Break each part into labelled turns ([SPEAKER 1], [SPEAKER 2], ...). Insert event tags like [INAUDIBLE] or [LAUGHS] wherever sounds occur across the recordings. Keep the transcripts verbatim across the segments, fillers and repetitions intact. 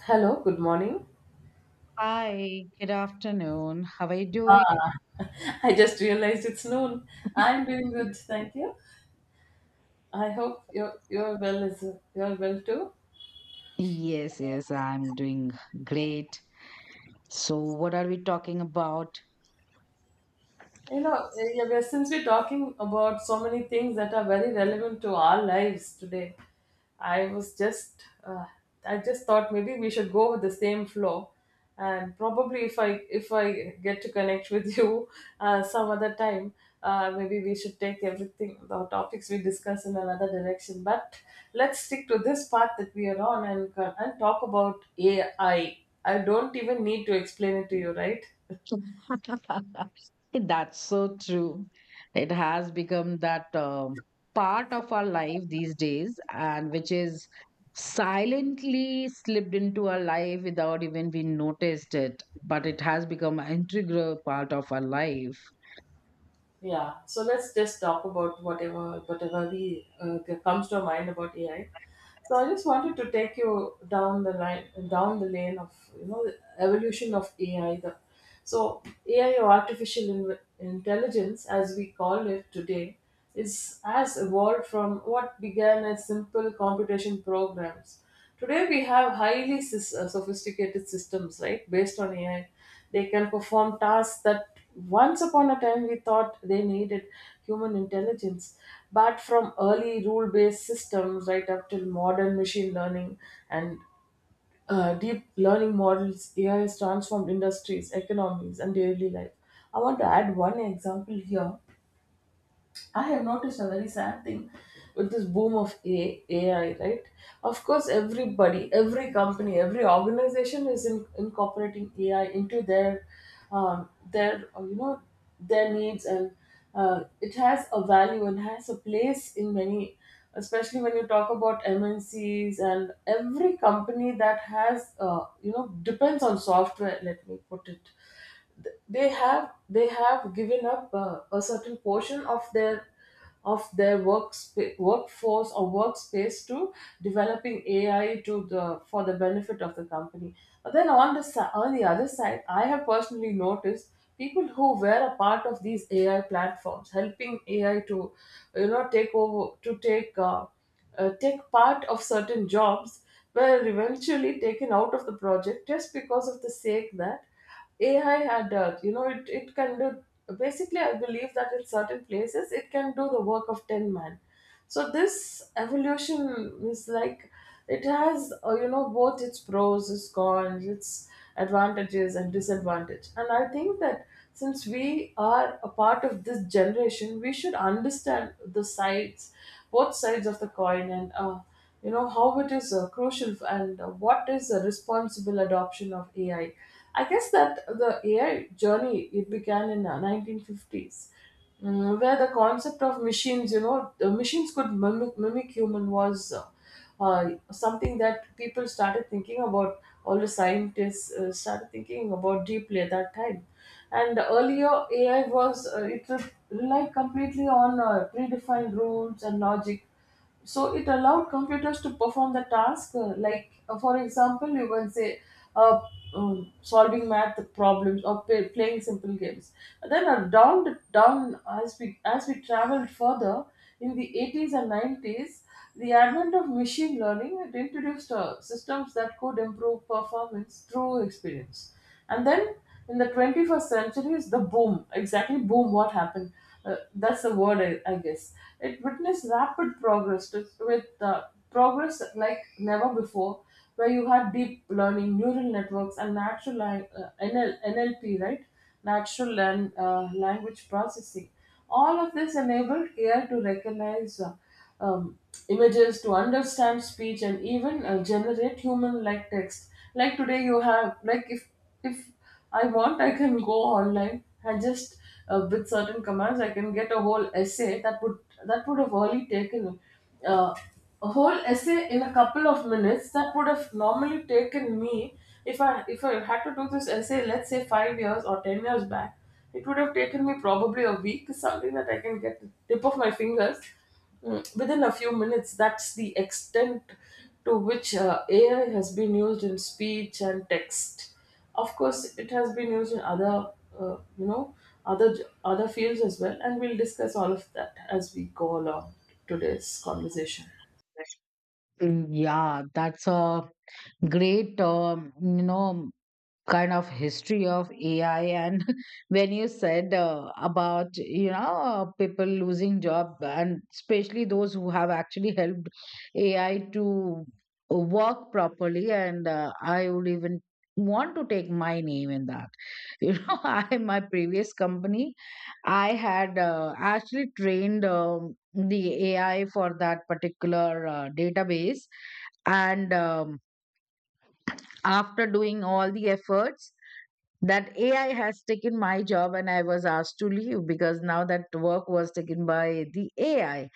[SPEAKER 1] Hello, good morning.
[SPEAKER 2] Hi, good afternoon. How are you doing?
[SPEAKER 1] Ah, [LAUGHS] I just realized it's noon. I'm
[SPEAKER 2] [LAUGHS]
[SPEAKER 1] doing good, thank you. I hope you're you're well as you're well too.
[SPEAKER 2] Yes, yes, I'm doing great. So, what are we talking about?
[SPEAKER 1] You know, eh, yeah, we're- since we're talking about so many things that are very relevant to our lives today, I was just, uh, I just thought maybe we should go with the same flow, and probably if I if I get to connect with [LAUGHS] you uh, some other time. Uh, maybe we should take everything the topics we discuss in another direction. But let's stick to this part that we are on and and talk about A I. I I don't even need to explain it to you, right?
[SPEAKER 2] [LAUGHS] That's so true. It has become that um, part of our life these days, and which is silently slipped into our life without even we noticed it. But it has become an integral part of our life.
[SPEAKER 1] Yeah, so let's just talk about whatever whatever we uh, that comes to our mind about A I. So I just wanted to take you down the line, down the lane of you know the evolution of A I. The, so A I or artificial in, intelligence, as we call it today, is has evolved from what began as simple computation programs. Today we have highly sys- uh, sophisticated systems, right, based on A I. They can perform tasks that once upon a time we thought they needed human intelligence. But from early rule based systems right up till modern machine learning and uh, deep learning models, A I has transformed industries, economies, and daily life. I want to add one example here. I have noticed a very sad thing with this boom of A- AI, right? Of course, everybody, every company, every organization is in, incorporating A I into their, um, their uh, you know, their needs, and uh, it has a value and has a place in many, especially when you talk about M N Cs and every company that has, uh, you know, depends on software. Let me put it, th- they have they have given up uh, a certain portion of their of their work workforce or workspace to developing A I to the for the benefit of the company. But then on the si- on the other side, I have personally noticed people who were a part of these A I platforms, helping A I to you know take over, to take uh, uh, take part of certain jobs, were eventually taken out of the project just because of the sake that A I had uh, you know it, it can do. Basically I believe that in certain places it can do the work of ten man. So this evolution is like it has uh, you know both its pros, its cons, its advantages and disadvantage. And I think that since we are a part of this generation, we should understand the sides, both sides of the coin, and uh, you know how it is uh, crucial and uh, what is the responsible adoption of ai. I I guess that the ai journey it began in uh, nineteen fifties, mm, where the concept of machines you know the machines could mimic, mimic human was uh, uh, something that people started thinking about. All the scientists uh, started thinking about deeply at that time, and earlier ai was uh, it relied completely on uh, predefined rules and logic, so it allowed computers to perform the task. uh, like, uh, for example, you can say uh, um, solving math problems or play, playing simple games. Then uh, down down as we as we traveled further in the eighties and nineties, the advent of machine learning it introduced uh, systems that could improve performance through experience. And then in the twenty-first century is the boom, exactly boom what happened, uh, that's the word I, I guess. It witnessed rapid progress to, with uh, progress like never before, where you had deep learning neural networks and natural lang- uh, N L, nlp right, natural and uh, language processing. All of this enabled A I to recognize uh, um, images, to understand speech, and even uh, generate human-like text. Like today, you have like if if I want, I can go online and just uh, with certain commands, I can get a whole essay that would that would have only taken uh, a whole essay in a couple of minutes that would have normally taken me if I if I had to do this essay, let's say five years or ten years back, it would have taken me probably a week, is something that I can get the tip of my fingers mm, within a few minutes. That's the extent to which uh, A I has been used in speech and text. Of course, it has been used in other, uh, you know, other other fields as well, and we'll discuss all of that as we go along today's conversation.
[SPEAKER 2] Mm, yeah, that's a great, um, you know, kind of history of A I. And [LAUGHS] when you said uh, about you know uh, people losing job, and especially those who have actually helped A I to work properly. And uh, I would even want to take my name in that. [LAUGHS] you know, I my previous company, I had uh, actually trained um, the A I for that particular uh, database. And um, after doing all the efforts, that A I has taken my job and I was asked to leave, because now that work was taken by the A I.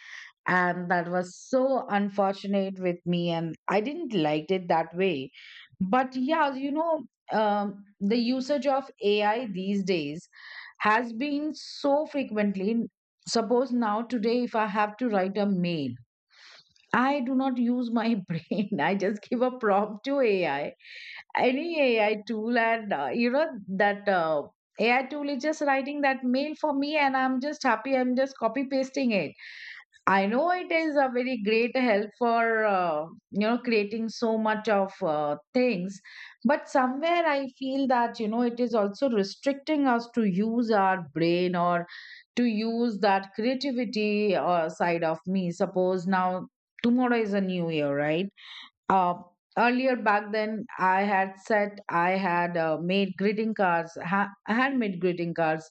[SPEAKER 2] And that was so unfortunate with me, and I didn't like it that way. But yeah, you know, um, the usage of A I these days has been so frequently. Suppose now today, if I have to write a mail, I do not use my [LAUGHS] brain. I just give a prompt to A I, any A I tool, and uh, you know that uh, A I tool is just writing that mail for me, and I'm just happy. I'm just copy pasting it. I know it is a very great help for uh, you know creating so much of uh, things. But somewhere I feel that you know it is also restricting us to use our brain, or to use that creativity uh, side of me. Suppose now tomorrow is a new year, right? Uh, Earlier back then, I had said I had uh, made greeting cards, ha- handmade greeting cards,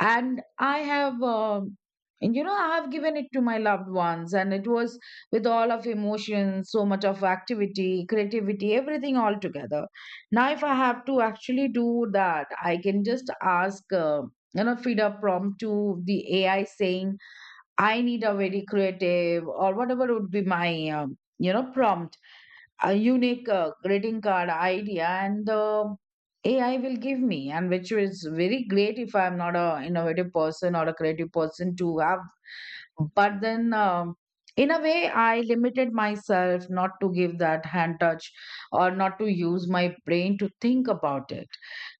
[SPEAKER 2] and I have. Um you know, I have given it to my loved ones, and it was with all of emotion, so much of activity, creativity, everything all together. Now, if I have to actually do that, I can just ask, uh, you know, feed a prompt to the A I saying, I need a very creative, or whatever would be my, um, you know, prompt, a unique uh, greeting card idea, and the A I will give me, and which is very great if I'm not a innovative person or a creative person to have. But then um, in a way, I limited myself not to give that hand touch, or not to use my brain to think about it.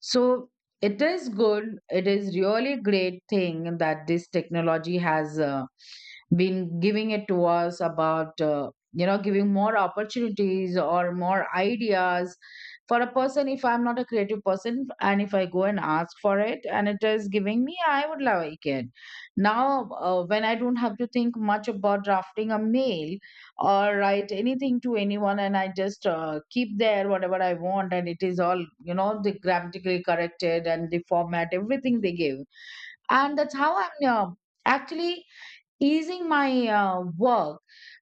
[SPEAKER 2] So it is good, it is really great thing that this technology has uh, been giving it to us, about uh, you know giving more opportunities or more ideas. For a person, if I'm not a creative person, and if I go and ask for it, and it is giving me, I would like it. Now, uh, when I don't have to think much about drafting a mail or write anything to anyone, and I just uh, keep there whatever I want, and it is all, you know, the grammatically corrected and the format, everything they give. And that's how I'm uh, actually easing my uh, work.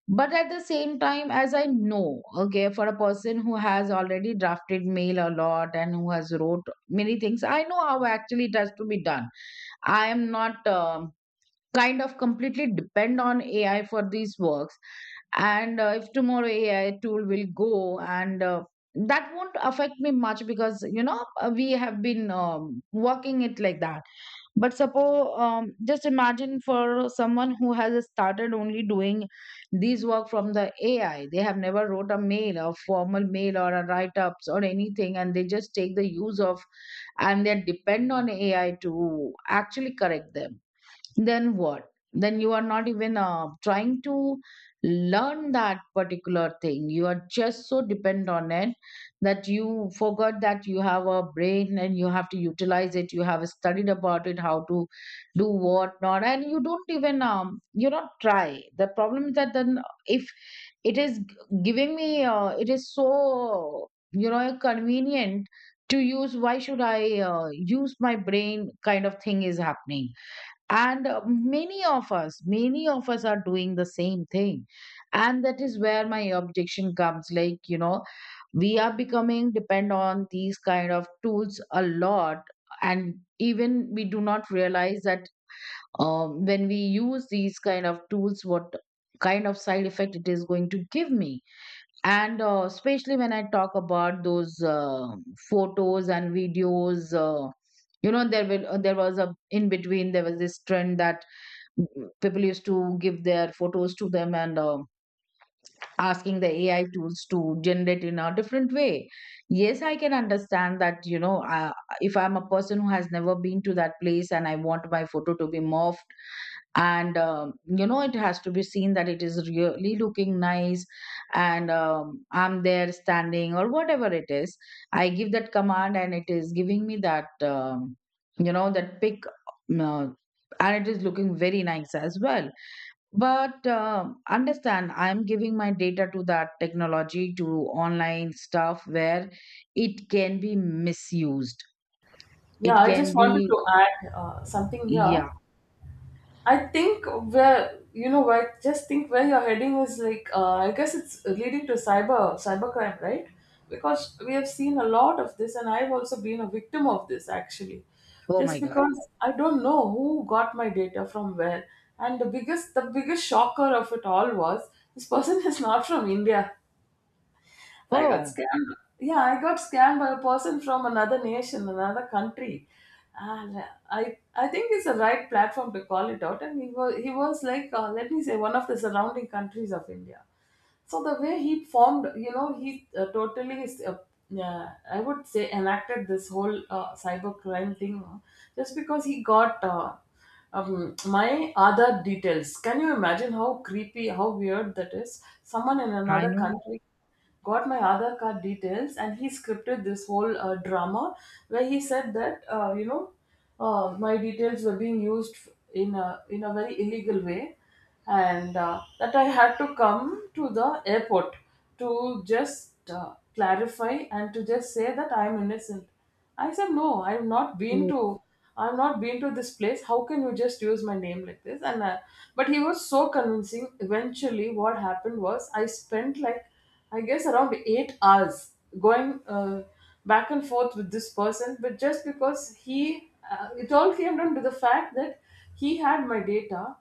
[SPEAKER 2] But at the same time, as I know, okay, for a person who has already drafted mail a lot and who has wrote many things, I know how actually it has to be done. I am not. Um kind of completely depend on A I for these works. And uh, if tomorrow A I tool will go, and uh, that won't affect me much, because you know uh, we have been um, working it like that. But suppose um, just imagine, for someone who has started only doing these work from the A I, they have never wrote a mail, a formal mail, or a write ups or anything, and they just take the use of, and they depend on A I to actually correct them, then what? Then you are not even uh, trying to learn that particular thing. You are just so dependent on it that you forgot that you have a brain and you have to utilize it. You have studied about it, how to do what not, and you don't even um you not try. The problem is that then uh, if it is g- giving me, uh, it is so you know convenient to use, why should I uh, use my brain, kind of thing is happening. And uh, many of us many of us are doing the same thing, and that is where my objection comes. Like you know, we are becoming depend on these kind of tools a lot, and even we do not realize that, um, when we use these kind of tools, what kind of side effect it is going to give me. And uh, especially when I talk about those uh, photos and videos, uh, you know there will uh, there was a, in between there was this trend that people used to give their photos to them, and um asking the AI tools to generate in a different way. Yes, I can understand that, you know, uh, if I'm a person who has never been to that place and I want my photo to be morphed, and um, you know, it has to be seen that it is really looking nice, and um, I'm there standing or whatever it is, I give that command, and it is giving me that, um, you know, that pic, uh, and it is looking very nice as well. But um understand, I'm giving my data to that technology, to online stuff where it can be misused.
[SPEAKER 1] Yeah,
[SPEAKER 2] It
[SPEAKER 1] I just
[SPEAKER 2] can
[SPEAKER 1] wanted
[SPEAKER 2] be,
[SPEAKER 1] to add uh, something here.
[SPEAKER 2] yeah.
[SPEAKER 1] I think where you know I just think where you're heading is like uh, I guess it's leading to cyber cybercrime, right? Because we have seen a lot of this, and I've also been a victim of this actually.
[SPEAKER 2] Oh my
[SPEAKER 1] Just
[SPEAKER 2] God.
[SPEAKER 1] because I don't know who got my data from where, and the biggest the biggest shocker of it all was this person [LAUGHS] is not from India. I got
[SPEAKER 2] Oh,
[SPEAKER 1] scammed. Yeah, I got scammed by a person from another nation, another country. And I, I think it's the right platform to call it out. And he was, he was like, uh, let me say, one of the surrounding countries of India. So the way he formed, you know, he uh, totally, is, uh, yeah, I would say, enacted this whole uh, cyber crime thing, uh, just because he got uh, um, my other details. Can you imagine how creepy, how weird that is? Someone in
[SPEAKER 2] I
[SPEAKER 1] another
[SPEAKER 2] know.
[SPEAKER 1] country got my other card details and he scripted this whole uh, drama where he said that uh, you know uh, my details were being used in a in a very illegal way, and uh, that I had to come to the airport to just uh, clarify and to just say that I'm innocent. I said, no, I've not been
[SPEAKER 2] Oh,
[SPEAKER 1] to, I've not been to this place. How can you just use my name like this? And uh, But he was so convincing. Eventually, what happened was I spent like, I guess around eight hours going uh, back and forth with this person. But just because he, uh, it all came down to the fact that he had my data,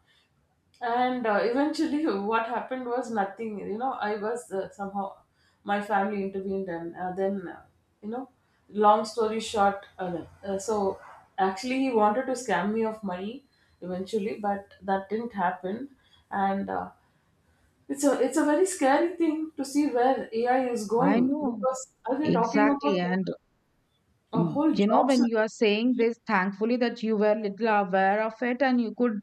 [SPEAKER 1] and uh, eventually [LAUGHS] what happened was nothing. You know I was uh, somehow my family intervened and uh, then uh, you know, long story short uh, uh, so actually he wanted to scam me of money eventually, but that didn't happen. And uh, it's a it's a very scary thing to see where ai is
[SPEAKER 2] I
[SPEAKER 1] going,
[SPEAKER 2] know.
[SPEAKER 1] because as we're talking about
[SPEAKER 2] Exactly. And
[SPEAKER 1] a
[SPEAKER 2] mm,
[SPEAKER 1] whole
[SPEAKER 2] you know,
[SPEAKER 1] job
[SPEAKER 2] when you are saying
[SPEAKER 1] situation,
[SPEAKER 2] this, thankfully that you were little aware of it and you could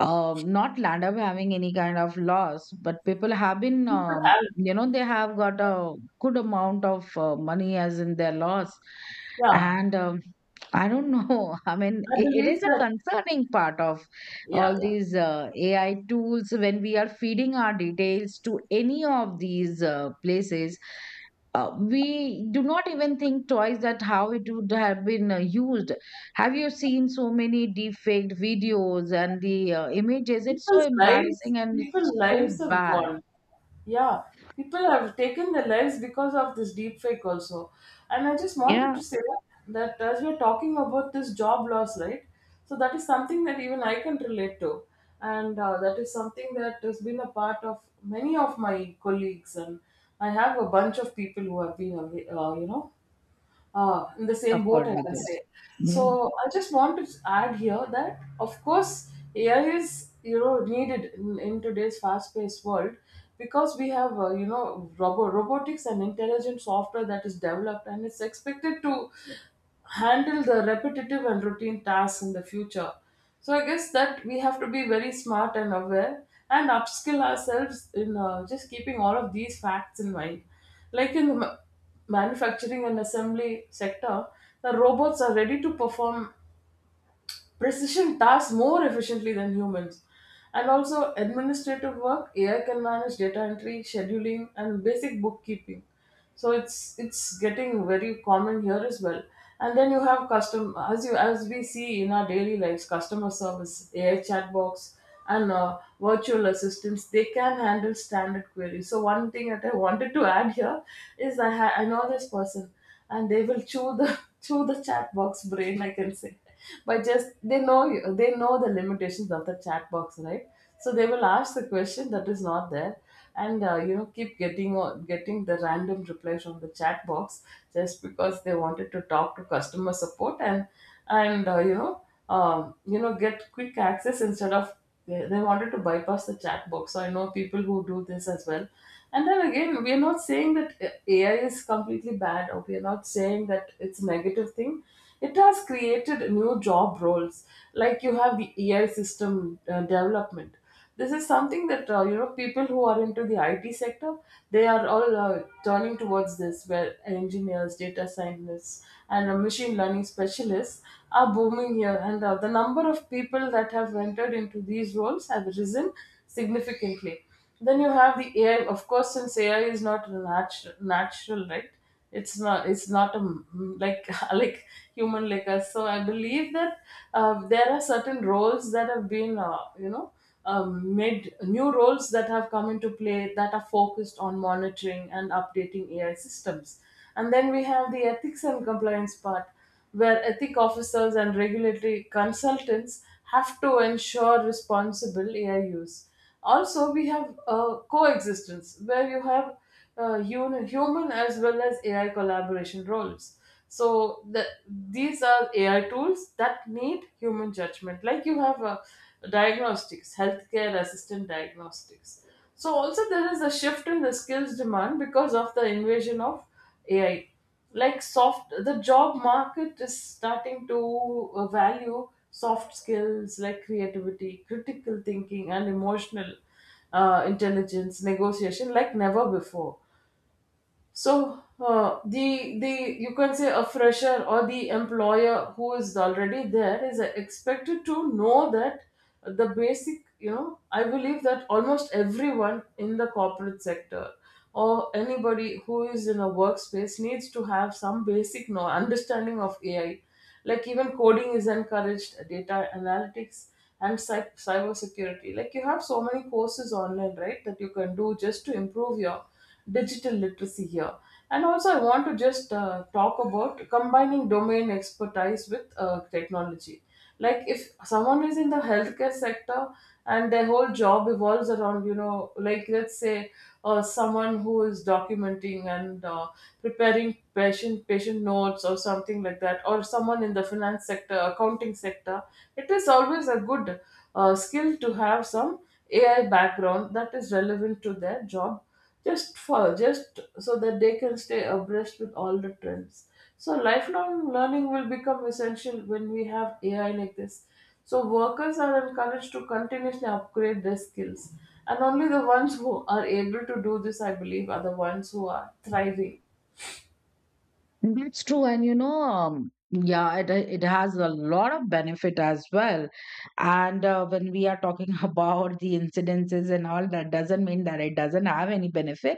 [SPEAKER 2] um, not land up having any kind of loss. But people have been,
[SPEAKER 1] people
[SPEAKER 2] um,
[SPEAKER 1] have
[SPEAKER 2] you know, they have got a good amount of uh, money as in their loss.
[SPEAKER 1] yeah
[SPEAKER 2] And um, I don't know. [LAUGHS] I mean,
[SPEAKER 1] I
[SPEAKER 2] it, it
[SPEAKER 1] believe
[SPEAKER 2] is a
[SPEAKER 1] that
[SPEAKER 2] concerning part of
[SPEAKER 1] yeah
[SPEAKER 2] all
[SPEAKER 1] yeah
[SPEAKER 2] these uh, A I tools, when we are feeding our details to any of these uh, places. Uh, we do not even think twice that how it would have been uh, used. Have you seen so many defaked videos and the uh, images? It's so
[SPEAKER 1] people's lives,
[SPEAKER 2] embarrassing and it's
[SPEAKER 1] people's lives
[SPEAKER 2] so
[SPEAKER 1] have
[SPEAKER 2] bad.
[SPEAKER 1] gone. Yeah, people have taken their lives because of this deep fake also. And I just wanted
[SPEAKER 2] Yeah,
[SPEAKER 1] to say that as we're talking about this job loss, right? So that is something that even I can relate to. And uh, that is something that has been a part of many of my colleagues. And I have a bunch of people who have been, away- uh, you know, uh, in the same boat,
[SPEAKER 2] suffered
[SPEAKER 1] I
[SPEAKER 2] with
[SPEAKER 1] can
[SPEAKER 2] this.
[SPEAKER 1] say.
[SPEAKER 2] Yeah.
[SPEAKER 1] So I just want to add here that, of course, A I is you know needed in, in today's fast-paced world, because we have uh, you know robo- robotics and intelligent software that is developed, and it's expected to handle the repetitive and routine tasks in the future. So I guess that we have to be very smart and aware and upskill ourselves in uh, just keeping all of these facts in mind. Like in the manufacturing and assembly sector, the robots are ready to perform precision tasks more efficiently than humans. And also, administrative work, A I can manage data entry, scheduling, and basic bookkeeping. So it's it's getting very common here as well. And then you have custom as you as we see in our daily lives, customer service, A I chat box, and uh, virtual assistants. They can handle standard queries. So one thing that I wanted to add here is I ha- I know this person and they will chew the [LAUGHS] chew the chat box brain I can say. But just they know you they know the limitations of the chat box, right? So they will ask the question that is not there, and uh, you know keep getting on- getting the random reply from the chat box, just because they wanted to talk to customer support, and and uh, you know um, you know get quick access instead of they, they wanted to bypass the chat box. So I know people who do this as well. And then again, we are not saying that uh, A I is completely bad, or we are not saying that it's a negative thing. It has created new job roles, like you have the A I system uh, development. This is something that uh, you know people who are into the I T sector, they are all uh, turning towards this, where engineers, data scientists, and uh, machine learning specialists are booming here, and uh, the number of people that have entered into these roles have risen significantly. Then you have the A I. Of course, since A I is not natural, natural, right? It's not. It's not a m- like [LAUGHS] like human like us. So I believe that uh, there are certain roles that have been, uh, you know um, made new roles that have come into play that are focused on monitoring and updating A I systems. And then we have the ethics and compliance part, where ethic officers and regulatory consultants have to ensure responsible A I use. Also, we have uh, coexistence, where you have uh, hu- human as well as A I collaboration roles. So the, these are A I tools that need human judgment. Like you have uh, diagnostics, healthcare assistant diagnostics. So also there is a shift in the skills demand because of the invasion of A I. Like soft, the job market is starting to uh, value soft skills like creativity, critical thinking, and emotional uh, intelligence negotiation like never before. So uh, the the you can say a fresher or the employer who is already there is expected to know that the basic. you know I believe that almost everyone in the corporate sector or anybody who is in a workspace needs to have some basic know understanding of AI. Like even coding is encouraged, data analytics, and cy- cyber security. Like you have so many courses online, right, that you can do just to improve your digital literacy here. And also, I want to just uh, talk about combining domain expertise with uh, technology. Like if someone is in the healthcare sector and their whole job evolves around you know like let's say uh, someone who is documenting and uh, preparing patient patient notes or something like that, or someone in the finance sector, accounting sector. It is always a good uh, skill to have some A I background that is relevant to their job, just for just so that they can stay abreast with all the trends. So lifelong learning will become essential when we have A I like this. So workers are encouraged to continuously upgrade their skills. And only the ones who are able to do this, I believe, are the ones who are thriving.
[SPEAKER 2] That's true. And you know, um, yeah, it it has a lot of benefit as well. And uh, when we are talking [LAUGHS] about the incidences and all, that doesn't mean that it doesn't have any benefit.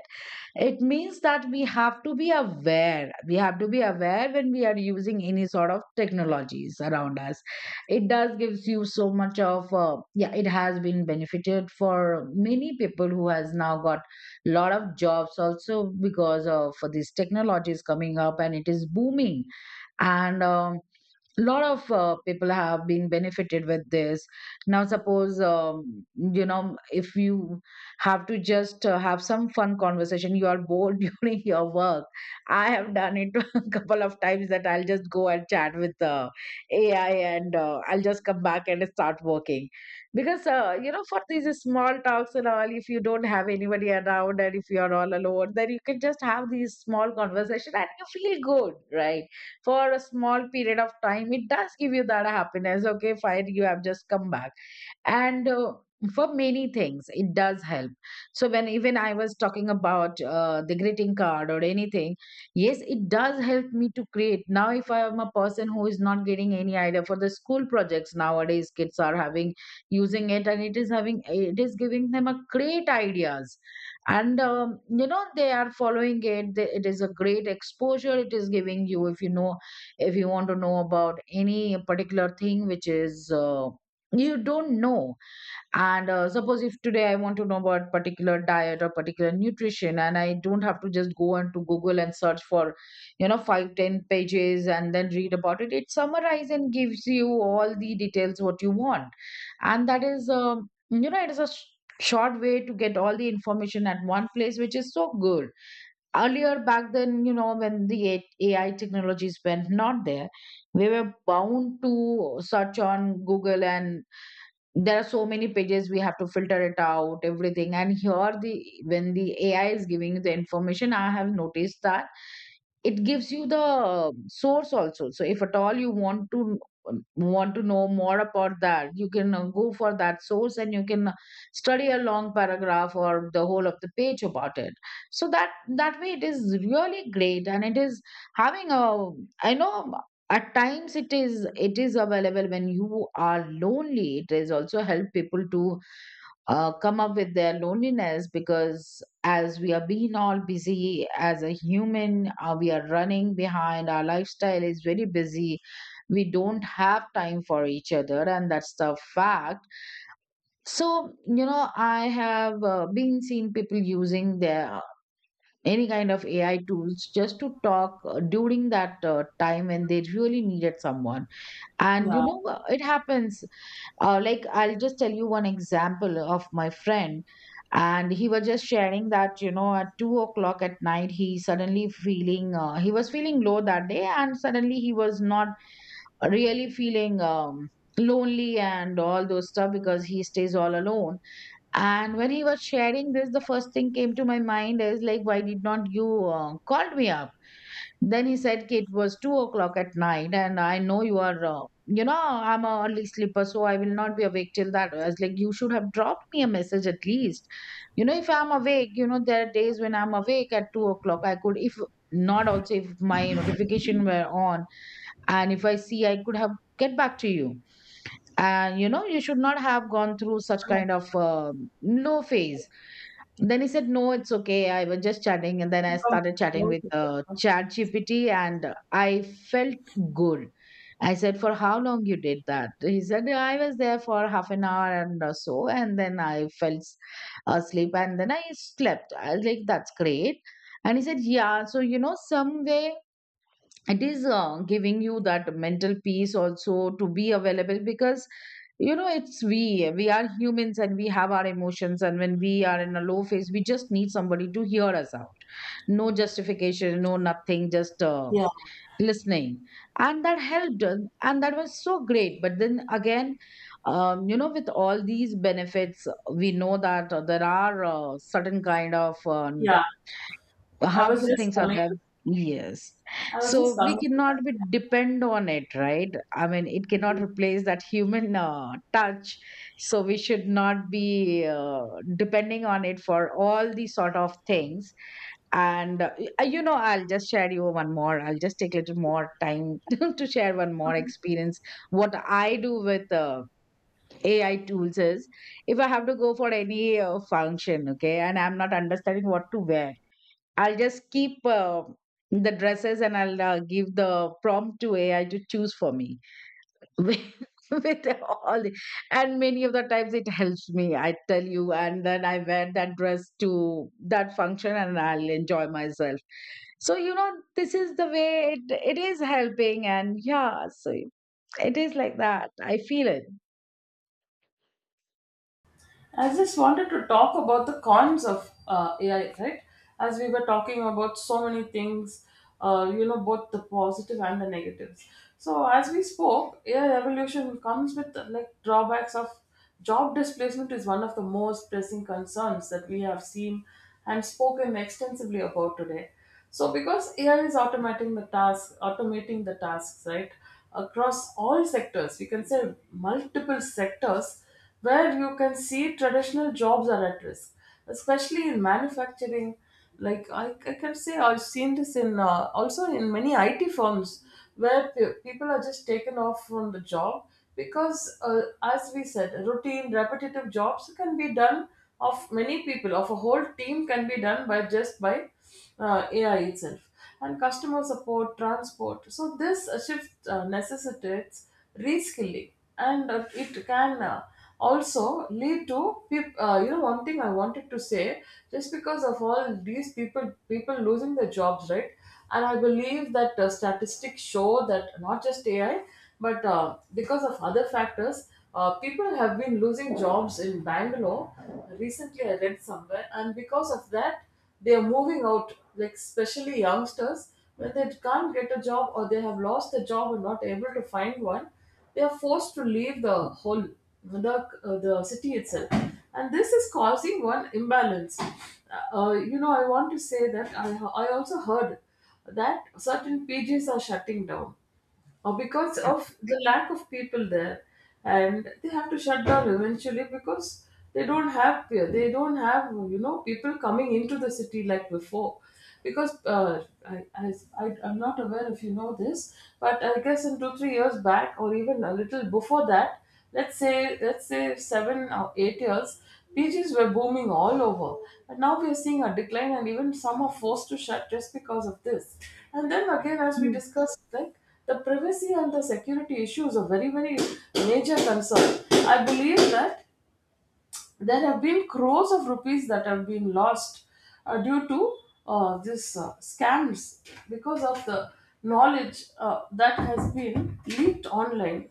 [SPEAKER 2] It means that we have to be aware. We have to be aware when we are using any sort of technologies around us. It does gives you so much of uh, yeah. It has been benefited for many people who has now got lot of jobs also, because of this technology is coming up and it is booming. And um, lot of uh, people have been benefited with this. Now suppose um, you know, if you have to just uh, have some fun conversation, you are bored [LAUGHS] during your work. I have done it [LAUGHS] a couple of times, that I'll just go and chat with uh, AI, and uh, I'll just come back and start working. Because uh, you know, for these small talks and all, if you don't have anybody around, and if you are all alone, then you can just have these small conversation and you feel good, right? For a small period of time, it does give you that happiness. Okay, fine, you have just come back. And uh, for many things, it does help. So when even I was talking about uh, the greeting card or anything, yes, it does help me to create. Now if I am a person who is not getting any idea for the school projects, nowadays kids are having using it, and it is having it is giving them a great ideas. And um, you know, they are following it. They- it is a great exposure it is giving you. If you know, if you want to know about any particular thing which is uh, you don't know. And uh, suppose if today I want to know about particular diet or particular nutrition, and I don't have to just go on to Google and search for, you know, five ten pages and then read about it, it summarizes and gives you all the details what you want. And that is, um, you know, it is a sh- short way to get all the information at one place, which is so good. Earlier back then, you know, when the A- AI technologies were not there, we were bound to search on Google, and there are so many pages, we have to filter it out everything. And here, the when the AI is giving you the information, I have noticed that it gives you The source also. So if at all you want to want to know more about that, you can uh, go for that source, and you can study a long paragraph or the whole of the page about it. So that that way it is really great, and it is having a, I know, at times it is it is available when you are lonely. It is also help people to uh, come up with their loneliness, because as we are being all busy as a human, uh, we are running behind, our lifestyle is very busy. We don't have time for each other, and that's the fact. So you know, I have uh, been seen people using their uh, any kind of A I tools just to talk uh, during that uh, time when they really needed someone. And you
[SPEAKER 1] Yeah,
[SPEAKER 2] know, uh, it happens. Uh, like, I'll just tell you one example of my friend. And he was just sharing that, you know, at two o'clock at night, he suddenly feeling, uh, he was feeling low that day, and suddenly he was not really feeling um, lonely and all those stuff, because he stays all alone. And when he was sharing this, the first thing came to my mind is like, why did not you uh, called me up? Then he said, "Kid, it was two o'clock at night, and I know you are, uh, you know, I'm a early sleeper, so I will not be awake till that." I was like, "You should have dropped me a message at least. You know, if I'm awake, you know, there are days when I'm awake at two o'clock. I could, if not also, if my notification were on, and if I see, I could have get back to you. And you know, you should not have gone through such kind of uh, low phase." Then he said, "No, it's okay. I was just chatting." And then I
[SPEAKER 1] income
[SPEAKER 2] started chatting
[SPEAKER 1] growth
[SPEAKER 2] with
[SPEAKER 1] is
[SPEAKER 2] uh,
[SPEAKER 1] the-.
[SPEAKER 2] chat G P T, and I felt good. I said, "For how long you did that?" He said, "I was there for half an hour and or so, and then I fell s- uh, asleep, and then I slept." I was like, "That's great." And he said, "Yeah, so you know, some way." It is uh, giving you that mental peace also to be available, because you know, it's we we are humans and we have our emotions, and when we are in a low phase, we just need somebody to hear us out. No justification, no nothing, just uh,
[SPEAKER 1] Yeah,
[SPEAKER 2] listening. And that helped us, and that was so great. But then again, um, you know, with all these benefits, we know that uh, there are uh, certain kind of uh,
[SPEAKER 1] yeah. I was
[SPEAKER 2] harmful
[SPEAKER 1] just
[SPEAKER 2] things are
[SPEAKER 1] coming.
[SPEAKER 2] there. Yes.
[SPEAKER 1] I was
[SPEAKER 2] So
[SPEAKER 1] just
[SPEAKER 2] we
[SPEAKER 1] coming to that.
[SPEAKER 2] cannot be depend on it, right? I mean, it cannot replace that human uh, touch. So we should not be uh, depending on it for all these sort of things. And uh, y- you know, I'll just share you one more, I'll just take a little more time [LAUGHS] to to share one more experience. What I do with uh, A I tools is, if I have to go for any uh, function, okay, and I'm not understanding what to wear, I'll just keep uh, the dresses, and I'll uh, give the prompt to A I to choose for me. [LAUGHS] With, with all the, and many of the times it helps me, I tell you. And then I wear that dress to that function, and I'll enjoy myself. So, you know, this is the way it, it is helping. And yeah, so it is like that. I feel it.
[SPEAKER 1] I just wanted to talk about the cons of uh, A I, right? As we were talking about so many things, uh, you know, both the positive and the negatives. So as we spoke, A I evolution comes with uh, like drawbacks of job displacement is one of the most pressing concerns that we have seen and spoken extensively about today. So, because A I is automating the task, automating the tasks, right, across all sectors, we can say multiple sectors where you can see traditional jobs are at risk, especially in manufacturing. Like I, I can say, I've seen this in uh, also in many I T firms where pe- people are just taken off from the job because, uh, as we said, routine, repetitive jobs can be done of many people, of a whole team can be done by just by uh, A I itself, and customer support, transport. So this uh, shift uh, necessitates reskilling, and uh, it can uh, also lead to peop- uh, you know one thing I wanted to say, just because of all these people people losing their jobs, right. And I believe that uh, statistics show that not just AI, but uh, because of other factors, uh, people have been losing jobs in Bangalore recently, I read somewhere, and because of that they are moving out, like especially youngsters, when they can't get a job or they have lost the job and not able to find one, they are forced to leave the whole, the uh, the city itself, and this is causing one imbalance. Uh, you know, I want to say that I I also heard that certain P Gs are shutting down uh, because of the lack of people there and they have to shut down eventually because they don't have they don't have you know people coming into the city like before. Because uh, I, I, I i'm not aware if you know this, but I guess in two three years back or even a little before that, let's say let's say seven or eight years, PGs were booming all over, and now we are seeing a decline and even some are forced to shut just because of this. And then again, as we
[SPEAKER 2] Yeah.
[SPEAKER 1] discussed, like the privacy and the security issues are very, very major concern. I believe that there have been crores of rupees that have been lost uh, due to uh, this uh, scams because of the knowledge uh, that has been leaked online.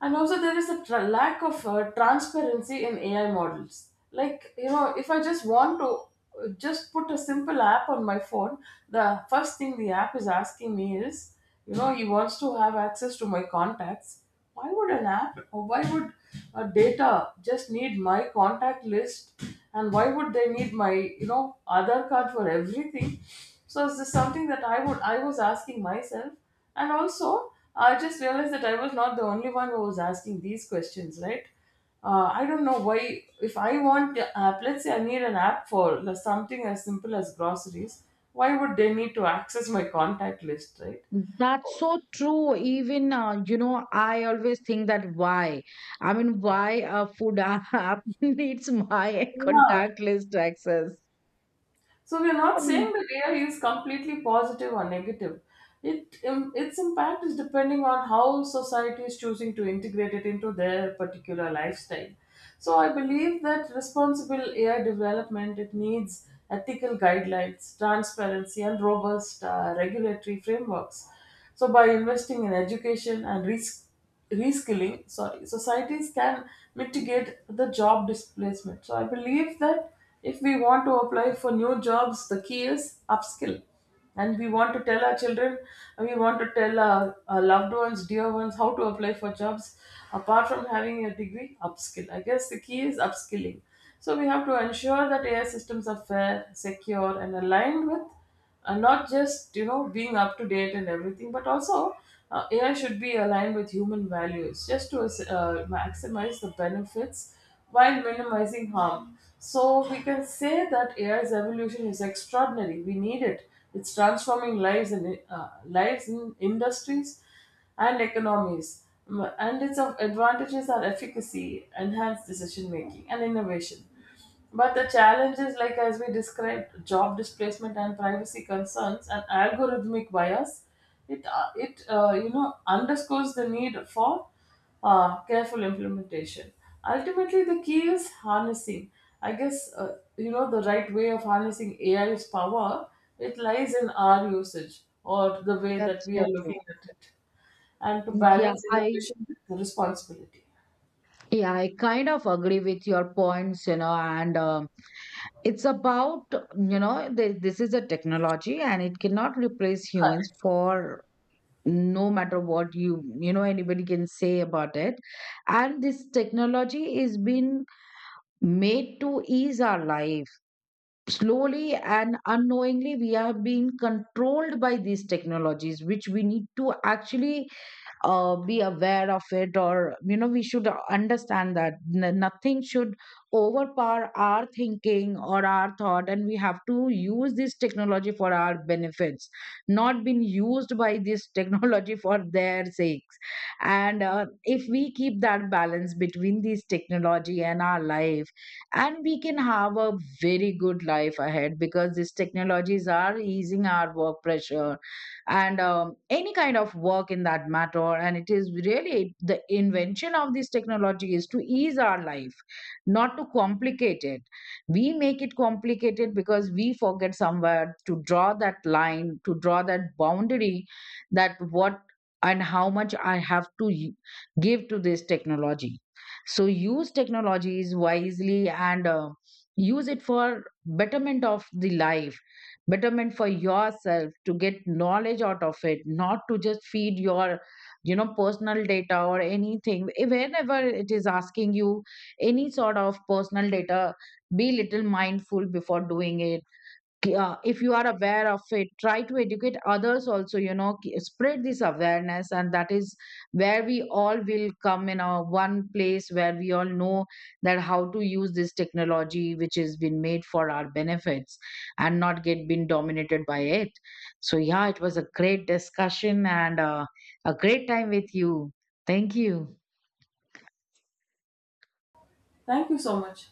[SPEAKER 1] And also, there is a tra- lack of uh, transparency in A I models. Like, you know, if I just want to uh, just put a simple app on my phone, the first thing the app is asking me is, you know, he wants to have access to my contacts. Why would an app, or why would a data just need my contact list? And why would they need my, you know, Aadhaar card for everything? So, is this something that I would I was asking myself? And also, I just realized that I was not the only one who was asking these questions, right? Uh, I don't know why. If I want the app, let's say I need an app for the- something as simple as groceries, why would they need to access my contact list, right?
[SPEAKER 2] That's so true. Even, uh, you know, I always think that why? I mean, why a food app [LAUGHS] needs my
[SPEAKER 1] Yeah.
[SPEAKER 2] contact list access?
[SPEAKER 1] So we are not saying
[SPEAKER 2] And
[SPEAKER 1] that A I is completely positive or negative. It um, Its impact is depending on how society is choosing to integrate it into their particular lifestyle. So I believe that responsible A I development, it needs ethical guidelines, transparency, and robust uh, regulatory frameworks. So by investing in education and risk reskilling, sorry, societies can mitigate the job displacement. So I believe that if we want to apply for new jobs, the key is upskill. And we want to tell our children, and we want to tell our, our loved ones, dear ones, how to apply for jobs. Apart from having a degree, upskill, I guess the key is upskilling. So we have to ensure that AI systems are fair, secure, and aligned with uh, not just, you know, being up to date and everything, but also uh, AI should be aligned with human values just to uh, maximize the benefits while minimizing harm. So we can say that AI's evolution is extraordinary, we need it. It's transforming lives, and uh, lives in industries and economies. Mm, and its of advantages are efficacy, enhanced decision making, and innovation, but the challenge is, like as we described, job displacement and privacy concerns and algorithmic bias. It uh, it uh, you know underscores the need for uh, careful implementation. Ultimately, the key is harnessing. I guess uh, you know the right way of harnessing A I's power. It lies in our usage or the way that
[SPEAKER 2] that's
[SPEAKER 1] we are
[SPEAKER 2] so
[SPEAKER 1] looking
[SPEAKER 2] true.
[SPEAKER 1] at it, and to
[SPEAKER 2] Yeah,
[SPEAKER 1] balance
[SPEAKER 2] I,
[SPEAKER 1] innovation with responsibility.
[SPEAKER 2] yeah, I kind of agree with your points, you know, and um, it's about, you know, th this is a technology, and it cannot replace humans, for no matter what you, you know, anybody can say about it. And this technology is been made to ease our life. Slowly and unknowingly, we are being controlled by these technologies, which we need to actually uh, be aware of it. Or you know, we should understand that n- nothing should overpower our thinking or our thought, and we have to use this technology for our benefits, not being used by this [LAUGHS] technology for their sakes. And uh, if we keep that balance between this technology and our life, and we can have a very good life ahead, because these technologies are easing our work pressure and um, any kind of work in that matter. And it is really the invention of this technology is to ease our life, not to complicate it. We make it complicated because we forget somewhere to draw that line, to draw that boundary, that what and how much I have to y- give to this technology. So use technologies wisely, and uh, use it for betterment of the life, betterment for yourself, to get knowledge out of it, not to just feed your, you know, personal data or anything. Eh, whenever it is asking you any sort of personal data, be little mindful before doing it. Yeah, if you are aware of it, try to educate others also, you know, k- spread this awareness. And that is where we all will come in a one place, where we all know that how to use this technology, which has been made for our benefits and not get been dominated by it. So, yeah, it was a great discussion, and uh, a great time with you. Thank you.
[SPEAKER 1] Thank you so much.